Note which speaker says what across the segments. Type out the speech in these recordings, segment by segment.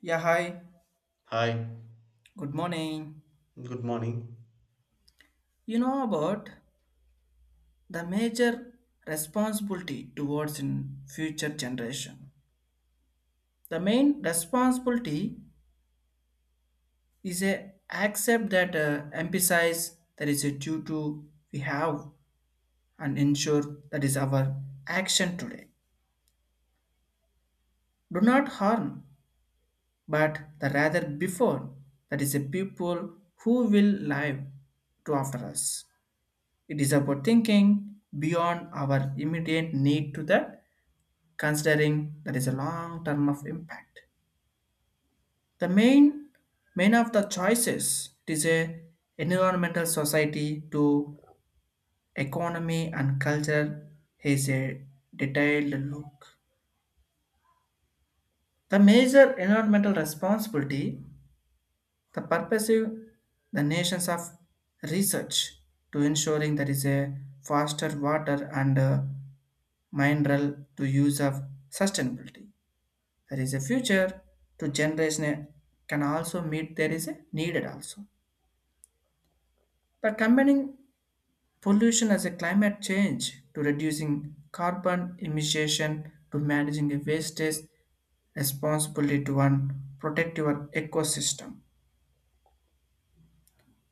Speaker 1: Yeah, hi.
Speaker 2: Hi,
Speaker 1: Good morning.
Speaker 2: good morning.
Speaker 1: You know about the major responsibility towards in future generation. The main responsibility is a accept that emphasize that is a due to we have and ensure that is our action today. Do not harm, but the rather before that is a people who will live to after us. It is about thinking beyond our immediate need to that considering that is a long term of impact. The main of the choices it is a environmental society to economy and culture is a detailed look. The major environmental responsibility, the purposive the nations of research to ensuring there is a faster water and mineral to use of sustainability. There is a future to generation can also meet there is a needed also by combining pollution as a climate change to reducing carbon emission to managing a wastage responsibly to one protect your ecosystem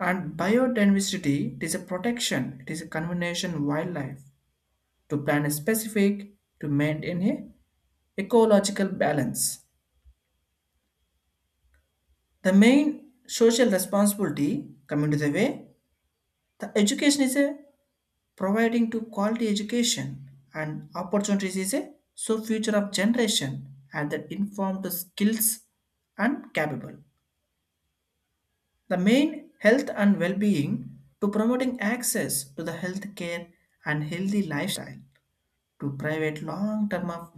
Speaker 1: and biodiversity, it is a protection, it is a conservation wildlife to plan a specific to maintain a ecological balance. The main social responsibility, coming to the way, the education is a providing to quality education and opportunities is a so future of generation and that informed skills and capable. The main health and well-being to promoting access to the health care and healthy lifestyle to private long-term of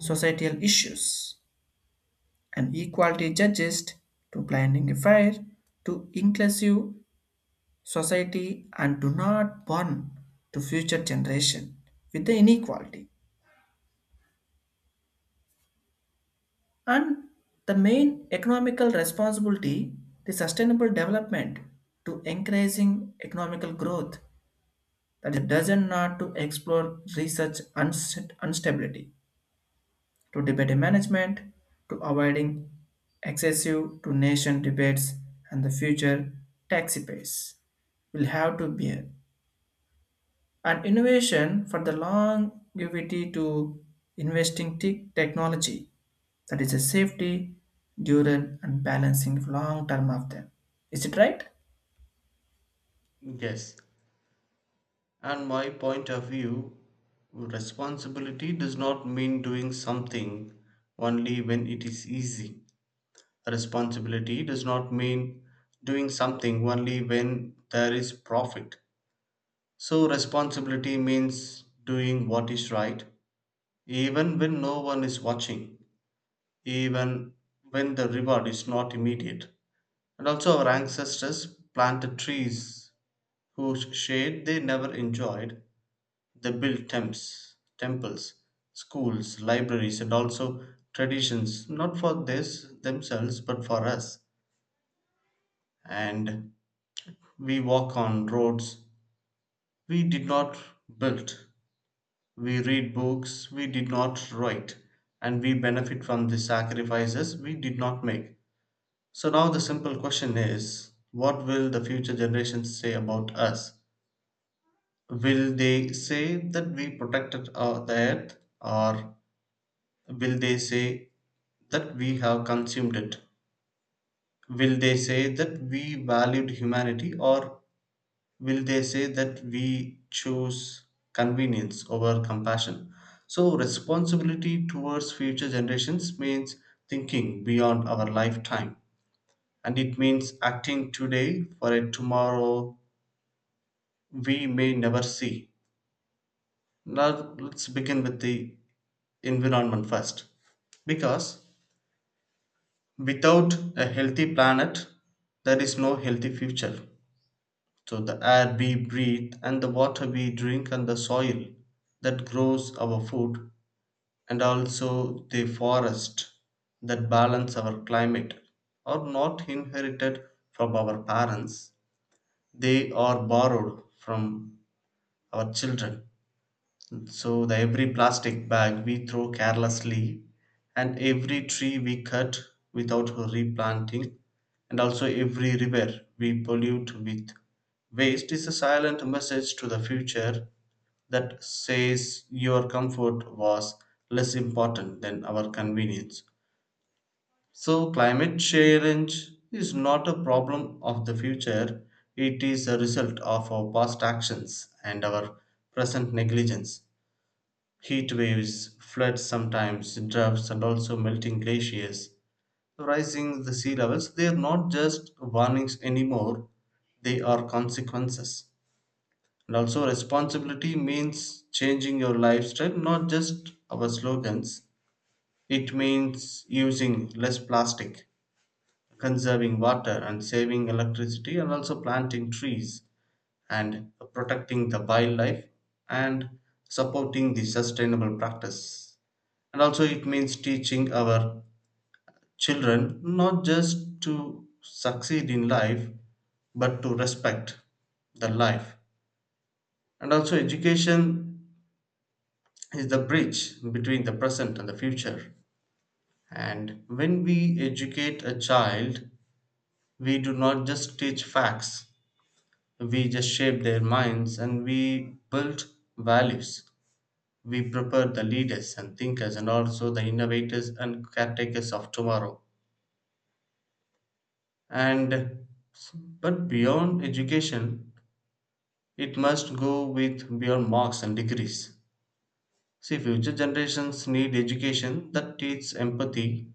Speaker 1: societal issues and equality judges to blinding fair to inclusive society and do not burn to future generation with the inequality. And the main economical responsibility, the sustainable development to encouraging economical growth that it doesn't not to explore research instability to debate management to avoiding excessive to nation debates and the future taxpayers will have to bear, and innovation for the longevity to investing technology that is a safety during and balancing long term of them. Is it right?
Speaker 2: Yes, and my point of view, responsibility does not mean doing something only when it is easy. Responsibility does not mean doing something only when there is profit. So, responsibility means doing what is right, even when no one is watching, even when the reward is not immediate. And also, our ancestors planted trees whose shade they never enjoyed, they built temps, temples, schools, libraries, and also traditions, not for this themselves, but for us. And we walk on roads we did not build, we read books we did not write, and we benefit from the sacrifices we did not make. So now the simple question is, what will the future generations say about us? Will they say that we protected the earth, or will they say that we have consumed it? Will they say that we valued humanity, or will they say that we chose convenience over compassion? So, responsibility towards future generations means thinking beyond our lifetime, and it means acting today for a tomorrow we may never see. Now, let's begin with the environment first, because without a healthy planet there is no healthy future. So the air we breathe, and the water we drink, and the soil that grows our food, and also the forest that balance our climate are not inherited from our parents, they are borrowed from our children. So the every plastic bag we throw carelessly, and every tree we cut without replanting, and also every river we pollute with waste is a silent message to the future that says your comfort was less important than our convenience. So climate change is not a problem of the future, it is a result of our past actions and our present negligence. Heat waves, floods sometimes, droughts, and also melting glaciers, rising the sea levels, they are not just warnings anymore, they are consequences. And also, responsibility means changing your lifestyle, not just our slogans. It means using less plastic, conserving water, and saving electricity, and also planting trees and protecting the wildlife and supporting the sustainable practice. And also it means teaching our children not just to succeed in life, but to respect the life. And also, education is the bridge between the present and the future. And when we educate a child, we do not just teach facts, we just shape their minds, and we build values. We prepare the leaders and thinkers and also the innovators and caretakers of tomorrow. And but beyond education, it must go with beyond marks and degrees. See, future generations need education that teaches empathy,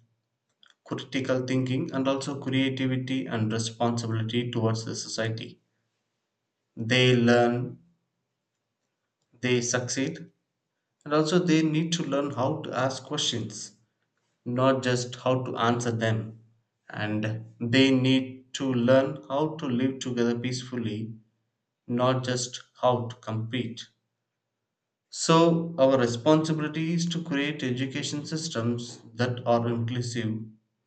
Speaker 2: critical thinking, and also creativity and responsibility towards the society. They learn, they succeed, and also they need to learn how to ask questions, not just how to answer them. And they need to learn how to live together peacefully, not just how to compete. So, our responsibility is to create education systems that are inclusive,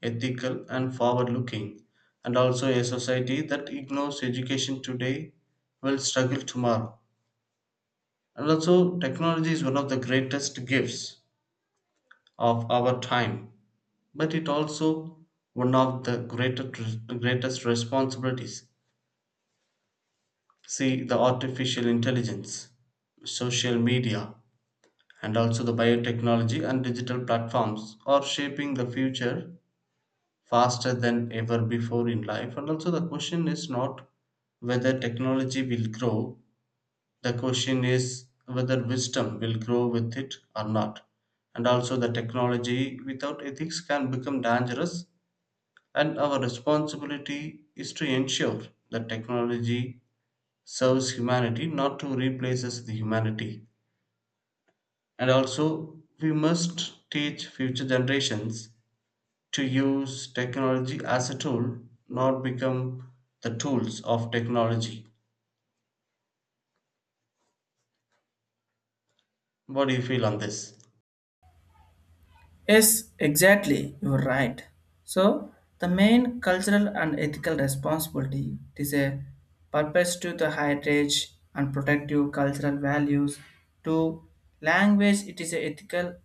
Speaker 2: ethical, and forward looking. And also, a society that ignores education today will struggle tomorrow. And also, technology is one of the greatest gifts of our time, but it also one of the greatest, greatest responsibilities. See the artificial intelligence, social media, and also the biotechnology and digital platforms are shaping the future faster than ever before in life. And also, the question is not whether technology will grow, the question is whether wisdom will grow with it or not. And also, the technology without ethics can become dangerous, and our responsibility is to ensure that technology serves humanity, not to replaces the humanity. And also, we must teach future generations to use technology as a tool, not become the tools of technology. What do you feel on this?
Speaker 1: Yes, exactly, you're right. So the main cultural and ethical responsibility is a purpose to the heritage and protective cultural values to language, it is a ethical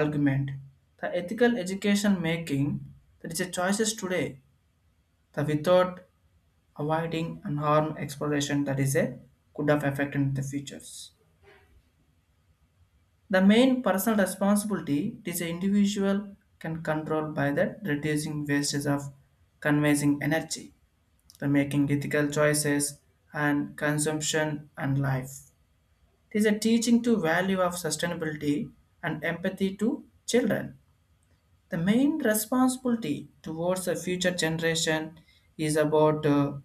Speaker 1: argument. The ethical education making that is a choices today, the without avoiding and harm exploration that is a could have affected the futures. The main personal responsibility, it is an individual can control by that reducing wastage of conserving energy, the making ethical choices and consumption and life. It is a teaching to value of sustainability and empathy to children. The main responsibility towards the future generation is about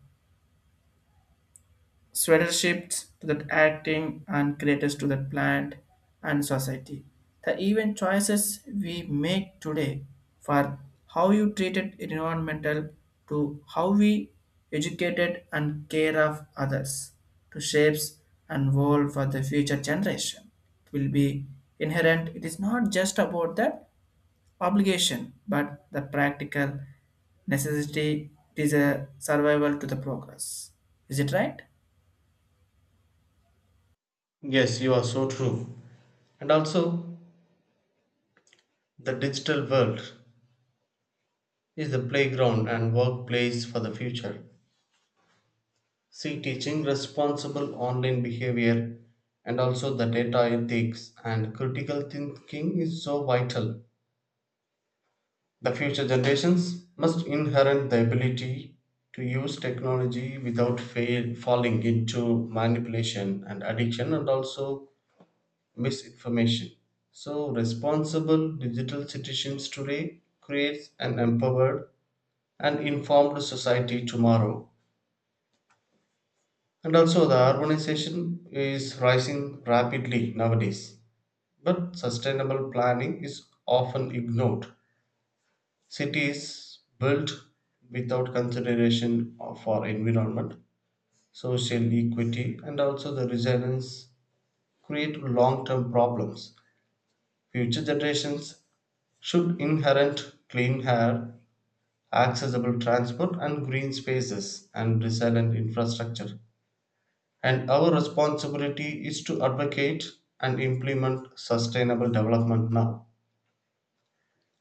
Speaker 1: sweater shifts to the acting and creators to the plant and society. The even choices we make today for how you treated environmental to how we educated and care of others to shapes and world for the future generation. It will be inherent. It is not just about the obligation, but the practical necessity. It is a survival to the progress. Is it right?
Speaker 2: Yes, you are so true. And also, the digital world is the playground and workplace for the future. See, teaching responsible online behavior and also the data ethics and critical thinking is so vital. The future generations must inherit the ability to use technology without fail, falling into manipulation and addiction, and also misinformation. So, responsible digital citizens today creates an empowered and informed society tomorrow. And also, the urbanization is rising rapidly nowadays, but sustainable planning is often ignored. Cities built without consideration of- for environment, social equity, and also the resilience create long term problems. Future generations should inherit clean air, accessible transport, and green spaces and resilient infrastructure. And our responsibility is to advocate and implement sustainable development now.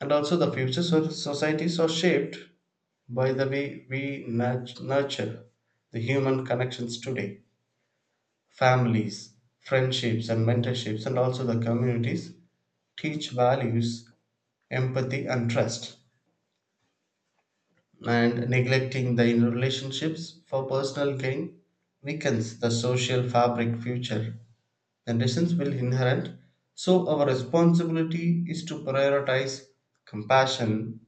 Speaker 2: And also, the future so- societies are shaped by the way we nurt- nurture the human connections today. Families, friendships, and mentorships, and also the communities teach values, empathy, and trust. And neglecting the interrelationships for personal gain weakens the social fabric. Future conditions will inherent, so our responsibility is to prioritize compassion,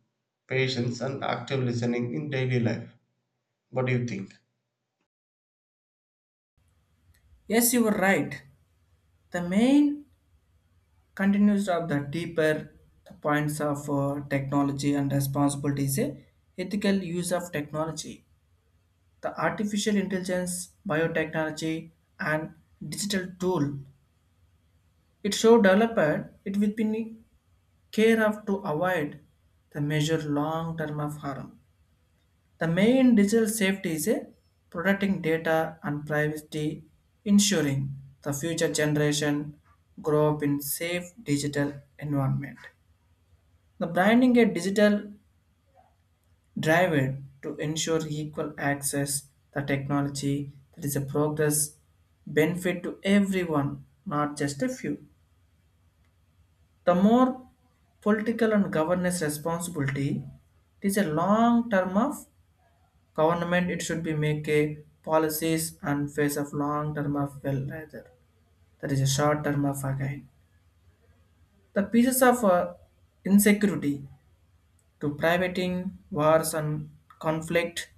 Speaker 2: patience, and active listening in daily life. What do you think?
Speaker 1: Yes, you were right. The main continues of the deeper points of technology and responsibility is a ethical use of technology. The artificial intelligence, biotechnology, and digital tool. It show developer, it will be care of to avoid the major long term of harm. The main digital safety is a protecting data and privacy, ensuring the future generation grow up in safe digital environment. The branding a digital driver to ensure equal access the technology that is a progress benefit to everyone, not just a few. The more political and governance responsibility, it is a long term of government, it should be make a policies and face of long term of well rather that is a short term of again. The pieces of insecurity to privating wars and conflict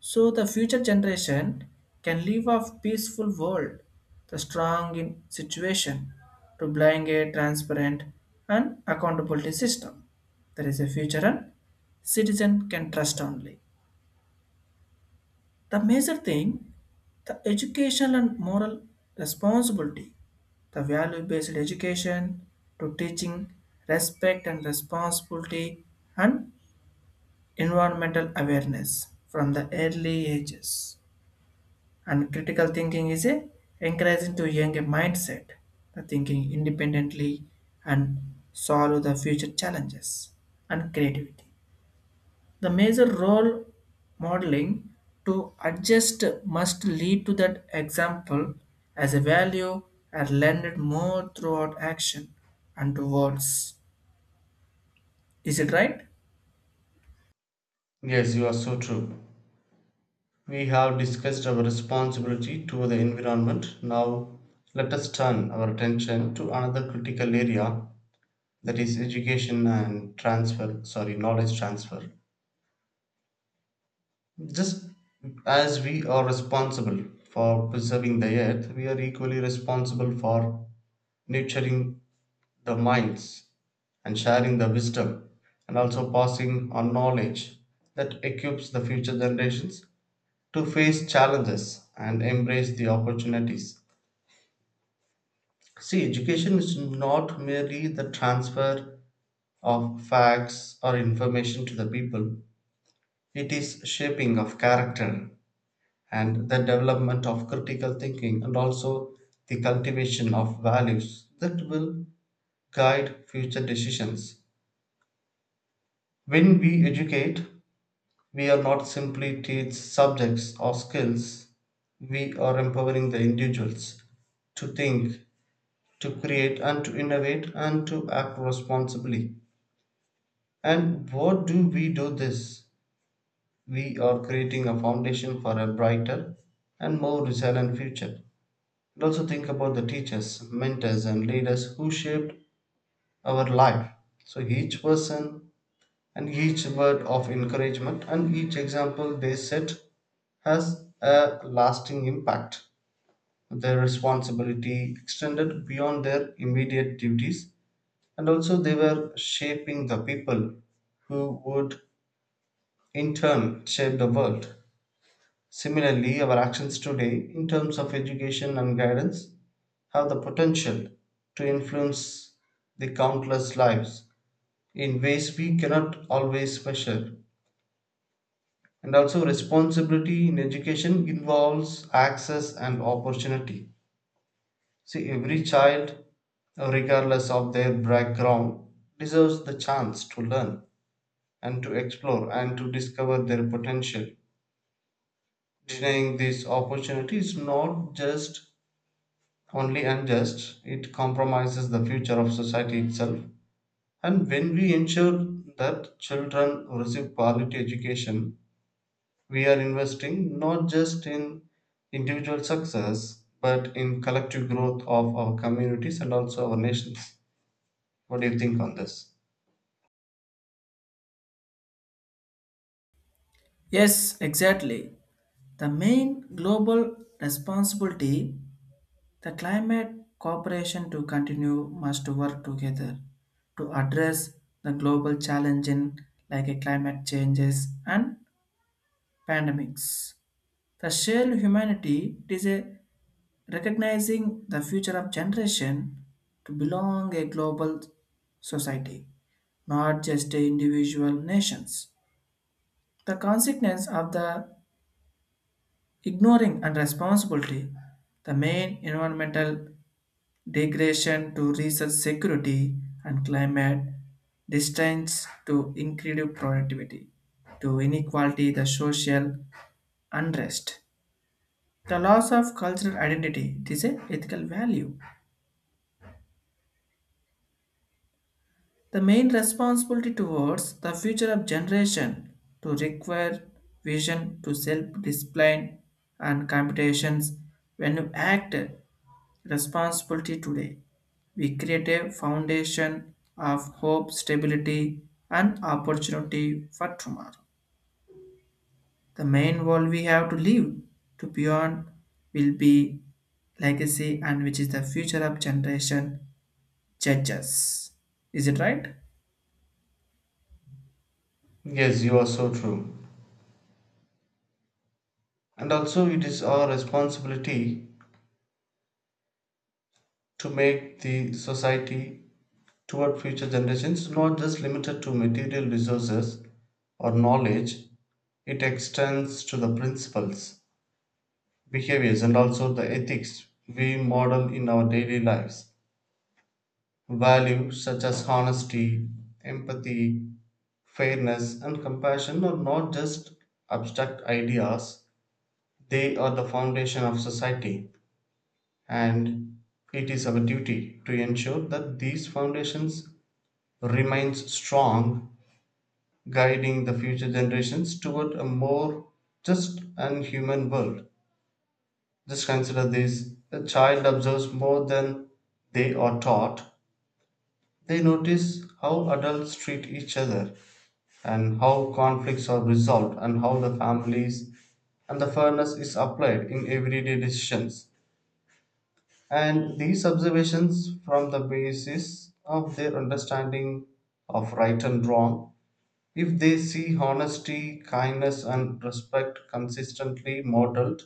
Speaker 1: so the future generation can live a peaceful world, the strong in situation to bring a transparent and accountability system. There is a future and citizen can trust only. The major thing, the educational and moral responsibility, the value based education to teaching respect and responsibility and environmental awareness from the early ages. And critical thinking is a encouraging to young a mindset, the thinking independently and solve the future challenges and creativity. The major role modeling to adjust must lead to that example as a value are learned more throughout action and to words. Is it right?
Speaker 2: Yes, you are so true. We have discussed our responsibility to the environment. Now let us turn our attention to another critical area, that is education and transfer, sorry, knowledge transfer. Just as we are responsible for preserving the earth, we are equally responsible for nurturing the minds and sharing the wisdom, and also passing on knowledge that equips the future generations to face challenges and embrace the opportunities. See, education is not merely the transfer of facts or information to the people, it is shaping of character and the development of critical thinking, and also the cultivation of values that will guide future decisions. When we educate, we are not simply teach subjects or skills, we are empowering the individuals to think, to create and to innovate and to act responsibly. And what do we do this? We are creating a foundation for a brighter and more resilient future. And also, think about the teachers, mentors, and leaders who shaped our life. So each person and each word of encouragement and each example they set has a lasting impact. Their responsibility extended beyond their immediate duties, and also they were shaping the people who would in turn shape the world. Similarly, our actions today, in terms of education and guidance, have the potential to influence the countless lives in ways we cannot always measure. And also, responsibility in education involves access and opportunity. See, every child, regardless of their background, deserves the chance to learn and to explore and to discover their potential. Denying this opportunity is not just only unjust, it compromises the future of society itself. And when we ensure that children receive quality education, we are investing not just in individual success, but in collective growth of our communities and also our nations. What do you think on this?
Speaker 1: Yes, exactly. The main global responsibility, the climate cooperation to continue must work together to address the global challenge in like a climate changes and pandemics. The shared humanity, it is a recognizing the future of generation to belong a global society, not just individual nations. The consequence of the ignoring and responsibility, the main environmental degradation to research security and climate distance to increased productivity to inequality, the social unrest, the loss of cultural identity, it is a ethical value. The main responsibility towards the future of generation to require vision to self-discipline and computations. When you act responsibility today, we create a foundation of hope, stability, and opportunity for tomorrow. The main world we have to live to beyond will be legacy and which is the future of generation judges. Is it right?
Speaker 2: Yes, you are so true. And also, it is our responsibility to make the society toward future generations not just limited to material resources or knowledge, it extends to the principles, behaviors, and also the ethics we model in our daily lives. Values such as honesty, empathy, fairness, and compassion are not just abstract ideas. They are the foundation of society, and it is our duty to ensure that these foundations remain strong, guiding the future generations toward a more just and human world. Just consider this, a child observes more than they are taught. They notice how adults treat each other, and how conflicts are resolved, and how the families and the fairness is applied in everyday decisions. And these observations form the basis of their understanding of right and wrong. If they see honesty, kindness, and respect consistently modeled,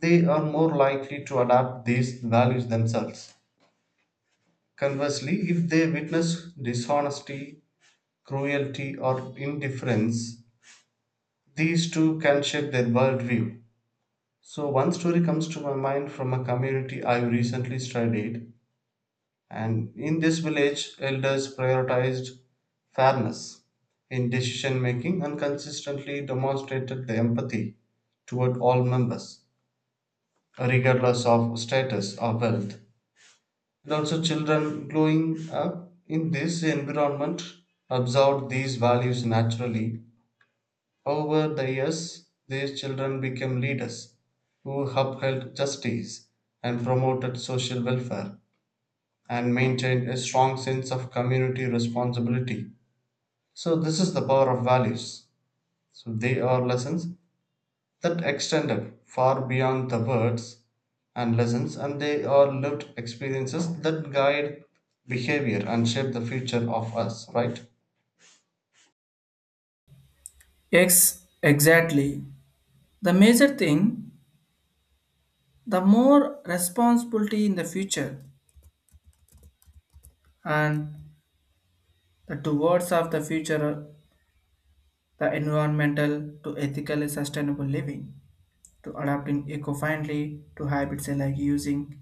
Speaker 2: they are more likely to adapt these values themselves. Conversely, if they witness dishonesty, cruelty, or indifference, these too can shape their worldview. So, one story comes to my mind from a community I recently studied. And in this village, elders prioritized fairness in decision making and consistently demonstrated the empathy toward all members, regardless of status or wealth. And also, children growing up in this environment absorbed these values naturally. Over the years, these children became leaders who upheld justice and promoted social welfare and maintain a strong sense of community responsibility. So, this is the power of values. So, they are lessons that extended far beyond the words and lessons, and they are lived experiences that guide behavior and shape the future of us, right?
Speaker 1: Yes, exactly. The major thing, the more responsibility in the future and the towards of the future, the environmental to ethically sustainable living, to adapting eco-friendly to habits like using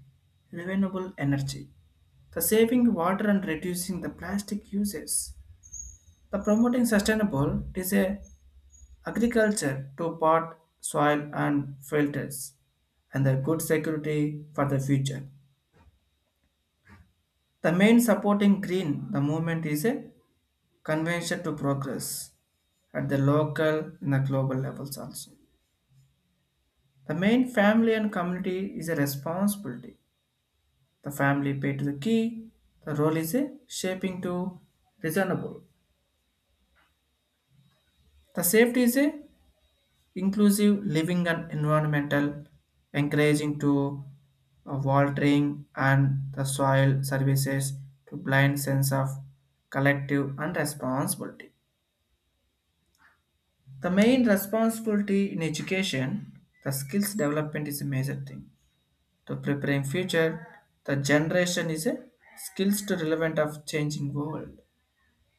Speaker 1: renewable energy, the saving water and reducing the plastic uses, the promoting sustainable is a agriculture to pot, soil and filters, and the good security for the future. The main supporting green the movement is a convention to progress at the local and the global levels also. The main family and community is a responsibility. The family pay to the key. The role is a shaping to reasonable. The safety is a inclusive living and environmental, encouraging to watering and the soil services to blind sense of collective and responsibility. The main responsibility in education, the skills development is a major thing. To preparing future, the generation is a skills to relevant of changing world,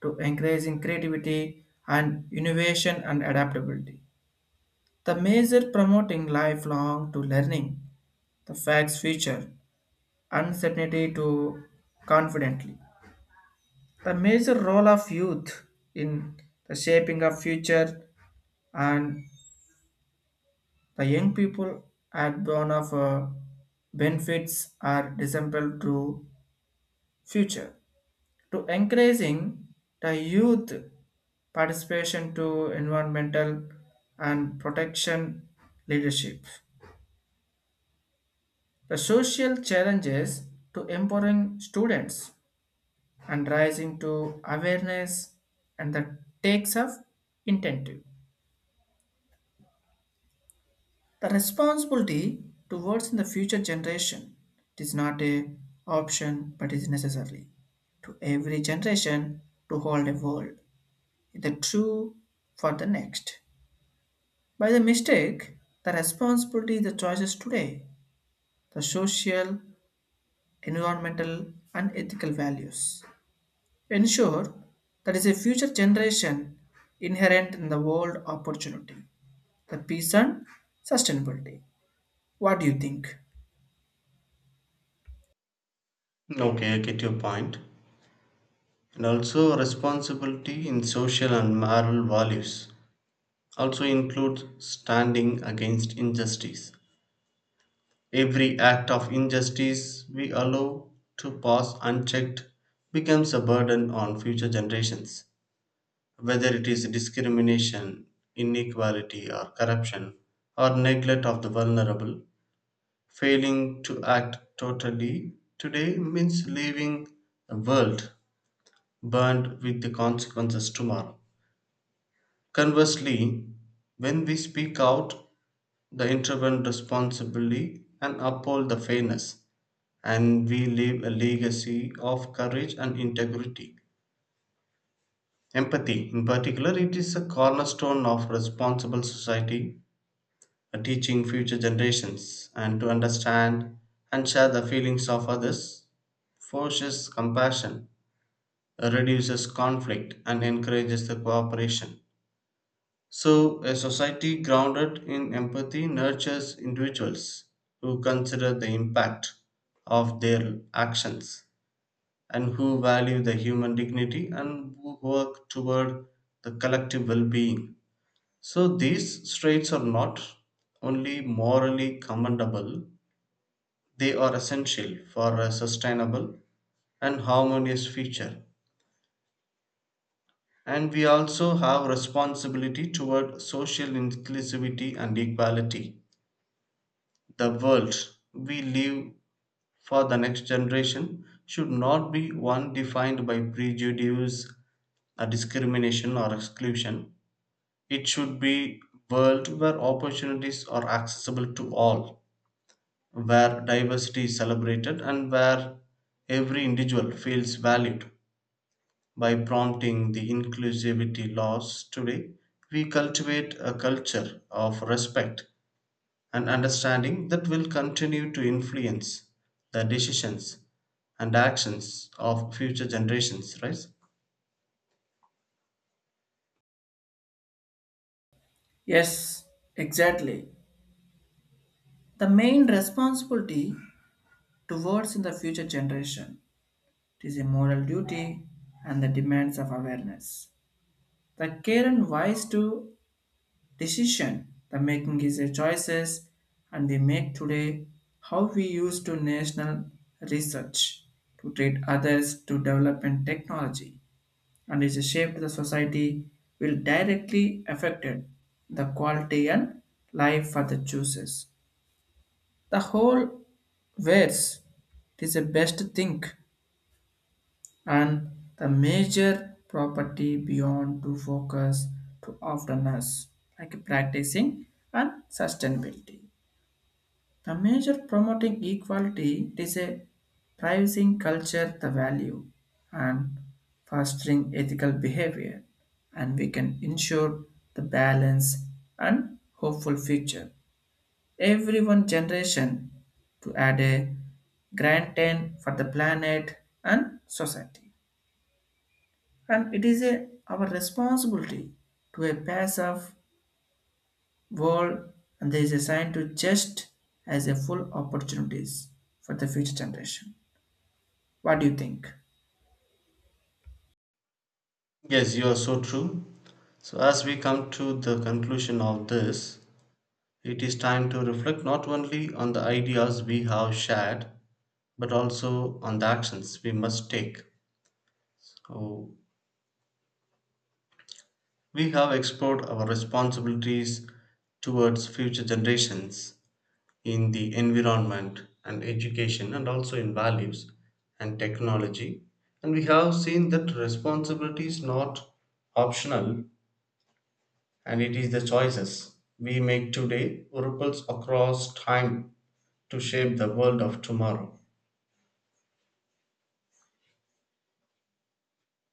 Speaker 1: to encouraging creativity and innovation and adaptability. The major promoting lifelong to learning, the facts future, uncertainty to confidently. The major role of youth in the shaping of future. And the young people at born of benefits are disabled to future. To encouraging the youth participation to environmental and protection leadership. The social challenges to empowering students and rising to awareness and the takes of incentive. The responsibility towards the future generation is not a option but is necessary to every generation to hold a world the true for the next. By the mistake, the responsibility the choices today, the social, environmental and ethical values. Ensure that is a future generation inherent in the world opportunity, the peace and sustainability. What do you think?
Speaker 2: Okay, I get your point. And also, responsibility in social and moral values also includes standing against injustice. Every act of injustice we allow to pass unchecked becomes a burden on future generations. Whether it is discrimination, inequality, or corruption, or neglect of the vulnerable, failing to act totally today means leaving a world burned with the consequences tomorrow. Conversely, when we speak out, the intervene responsibly and uphold the fairness, and we leave a legacy of courage and integrity. Empathy, in particular, it is a cornerstone of responsible society, teaching future generations and to understand and share the feelings of others, forces compassion, reduces conflict, and encourages the cooperation. So, a society grounded in empathy nurtures individuals who consider the impact of their actions and who value the human dignity and who work toward the collective well being. So, these traits are not only morally commendable, they are essential for a sustainable and harmonious future. And we also have responsibility toward social inclusivity and equality. The world we live for the next generation should not be one defined by prejudice, discrimination, or exclusion. It should be world where opportunities are accessible to all, where diversity is celebrated and where every individual feels valued. By prompting the inclusivity laws today, we cultivate a culture of respect and understanding that will continue to influence the decisions and actions of future generations, right?
Speaker 1: Yes, exactly. The main responsibility towards in the future generation, it is a moral duty and the demands of awareness. The care and wise to decision the making is a choices and we make today how we use to national research to treat others to development technology and is a shape to the society will directly affected the quality and life for the choosers. The whole wares is the best thing, and the major property beyond to focus to often us like practicing and sustainability. The major promoting equality, it is a pricing culture the value and fostering ethical behavior, and we can ensure the balance and hopeful future. Every one generation to add a grand ten for the planet and society. And it is a, our responsibility to a pass of world and there is a sign to just as a full opportunities for the future generation. What do you think?
Speaker 2: Yes, you are so true. So, as we come to the conclusion of this, it is time to reflect not only on the ideas we have shared, but also on the actions we must take. So, we have explored our responsibilities towards future generations in the environment and education, and also in values and technology. And we have seen that responsibility is not optional, and it is the choices we make today ripples across time to shape the world of tomorrow.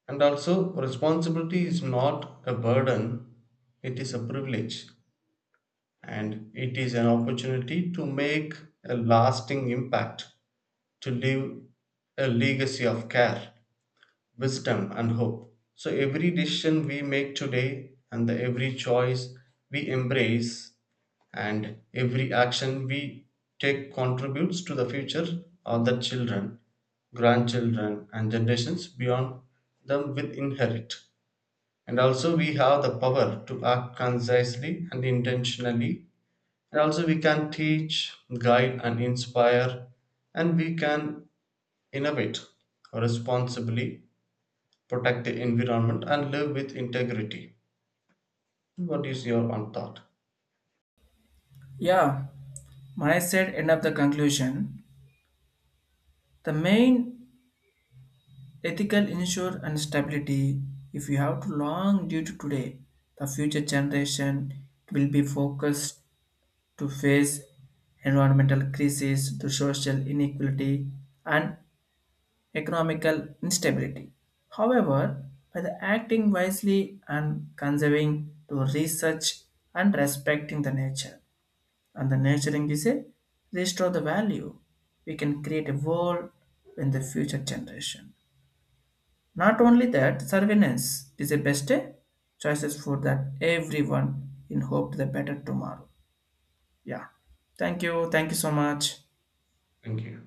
Speaker 2: And also, responsibility is not a burden, it is a privilege, and it is an opportunity to make a lasting impact, to leave a legacy of care, wisdom, and hope. So, every decision we make today, and the every choice we embrace, and every action we take contributes to the future of the children, grandchildren, and generations beyond them will inherit. And also, we have the power to act concisely and intentionally, and also we can teach, guide, and inspire, and we can innovate responsibly, protect the environment, and live with integrity. What is your own thought?
Speaker 1: Yeah, my said end of the conclusion. The main ethical ensure and stability, if you have to long due to today, the future generation will be focused to face environmental crises to social inequality and economical instability. However, by the acting wisely and conserving to research and respecting the nature, and the nurturing is a restore the value, we can create a world in the future generation. Not only that, surveillance is the best choices for that everyone in hope to the better tomorrow. Yeah. Thank you. Thank you so much.
Speaker 2: Thank you.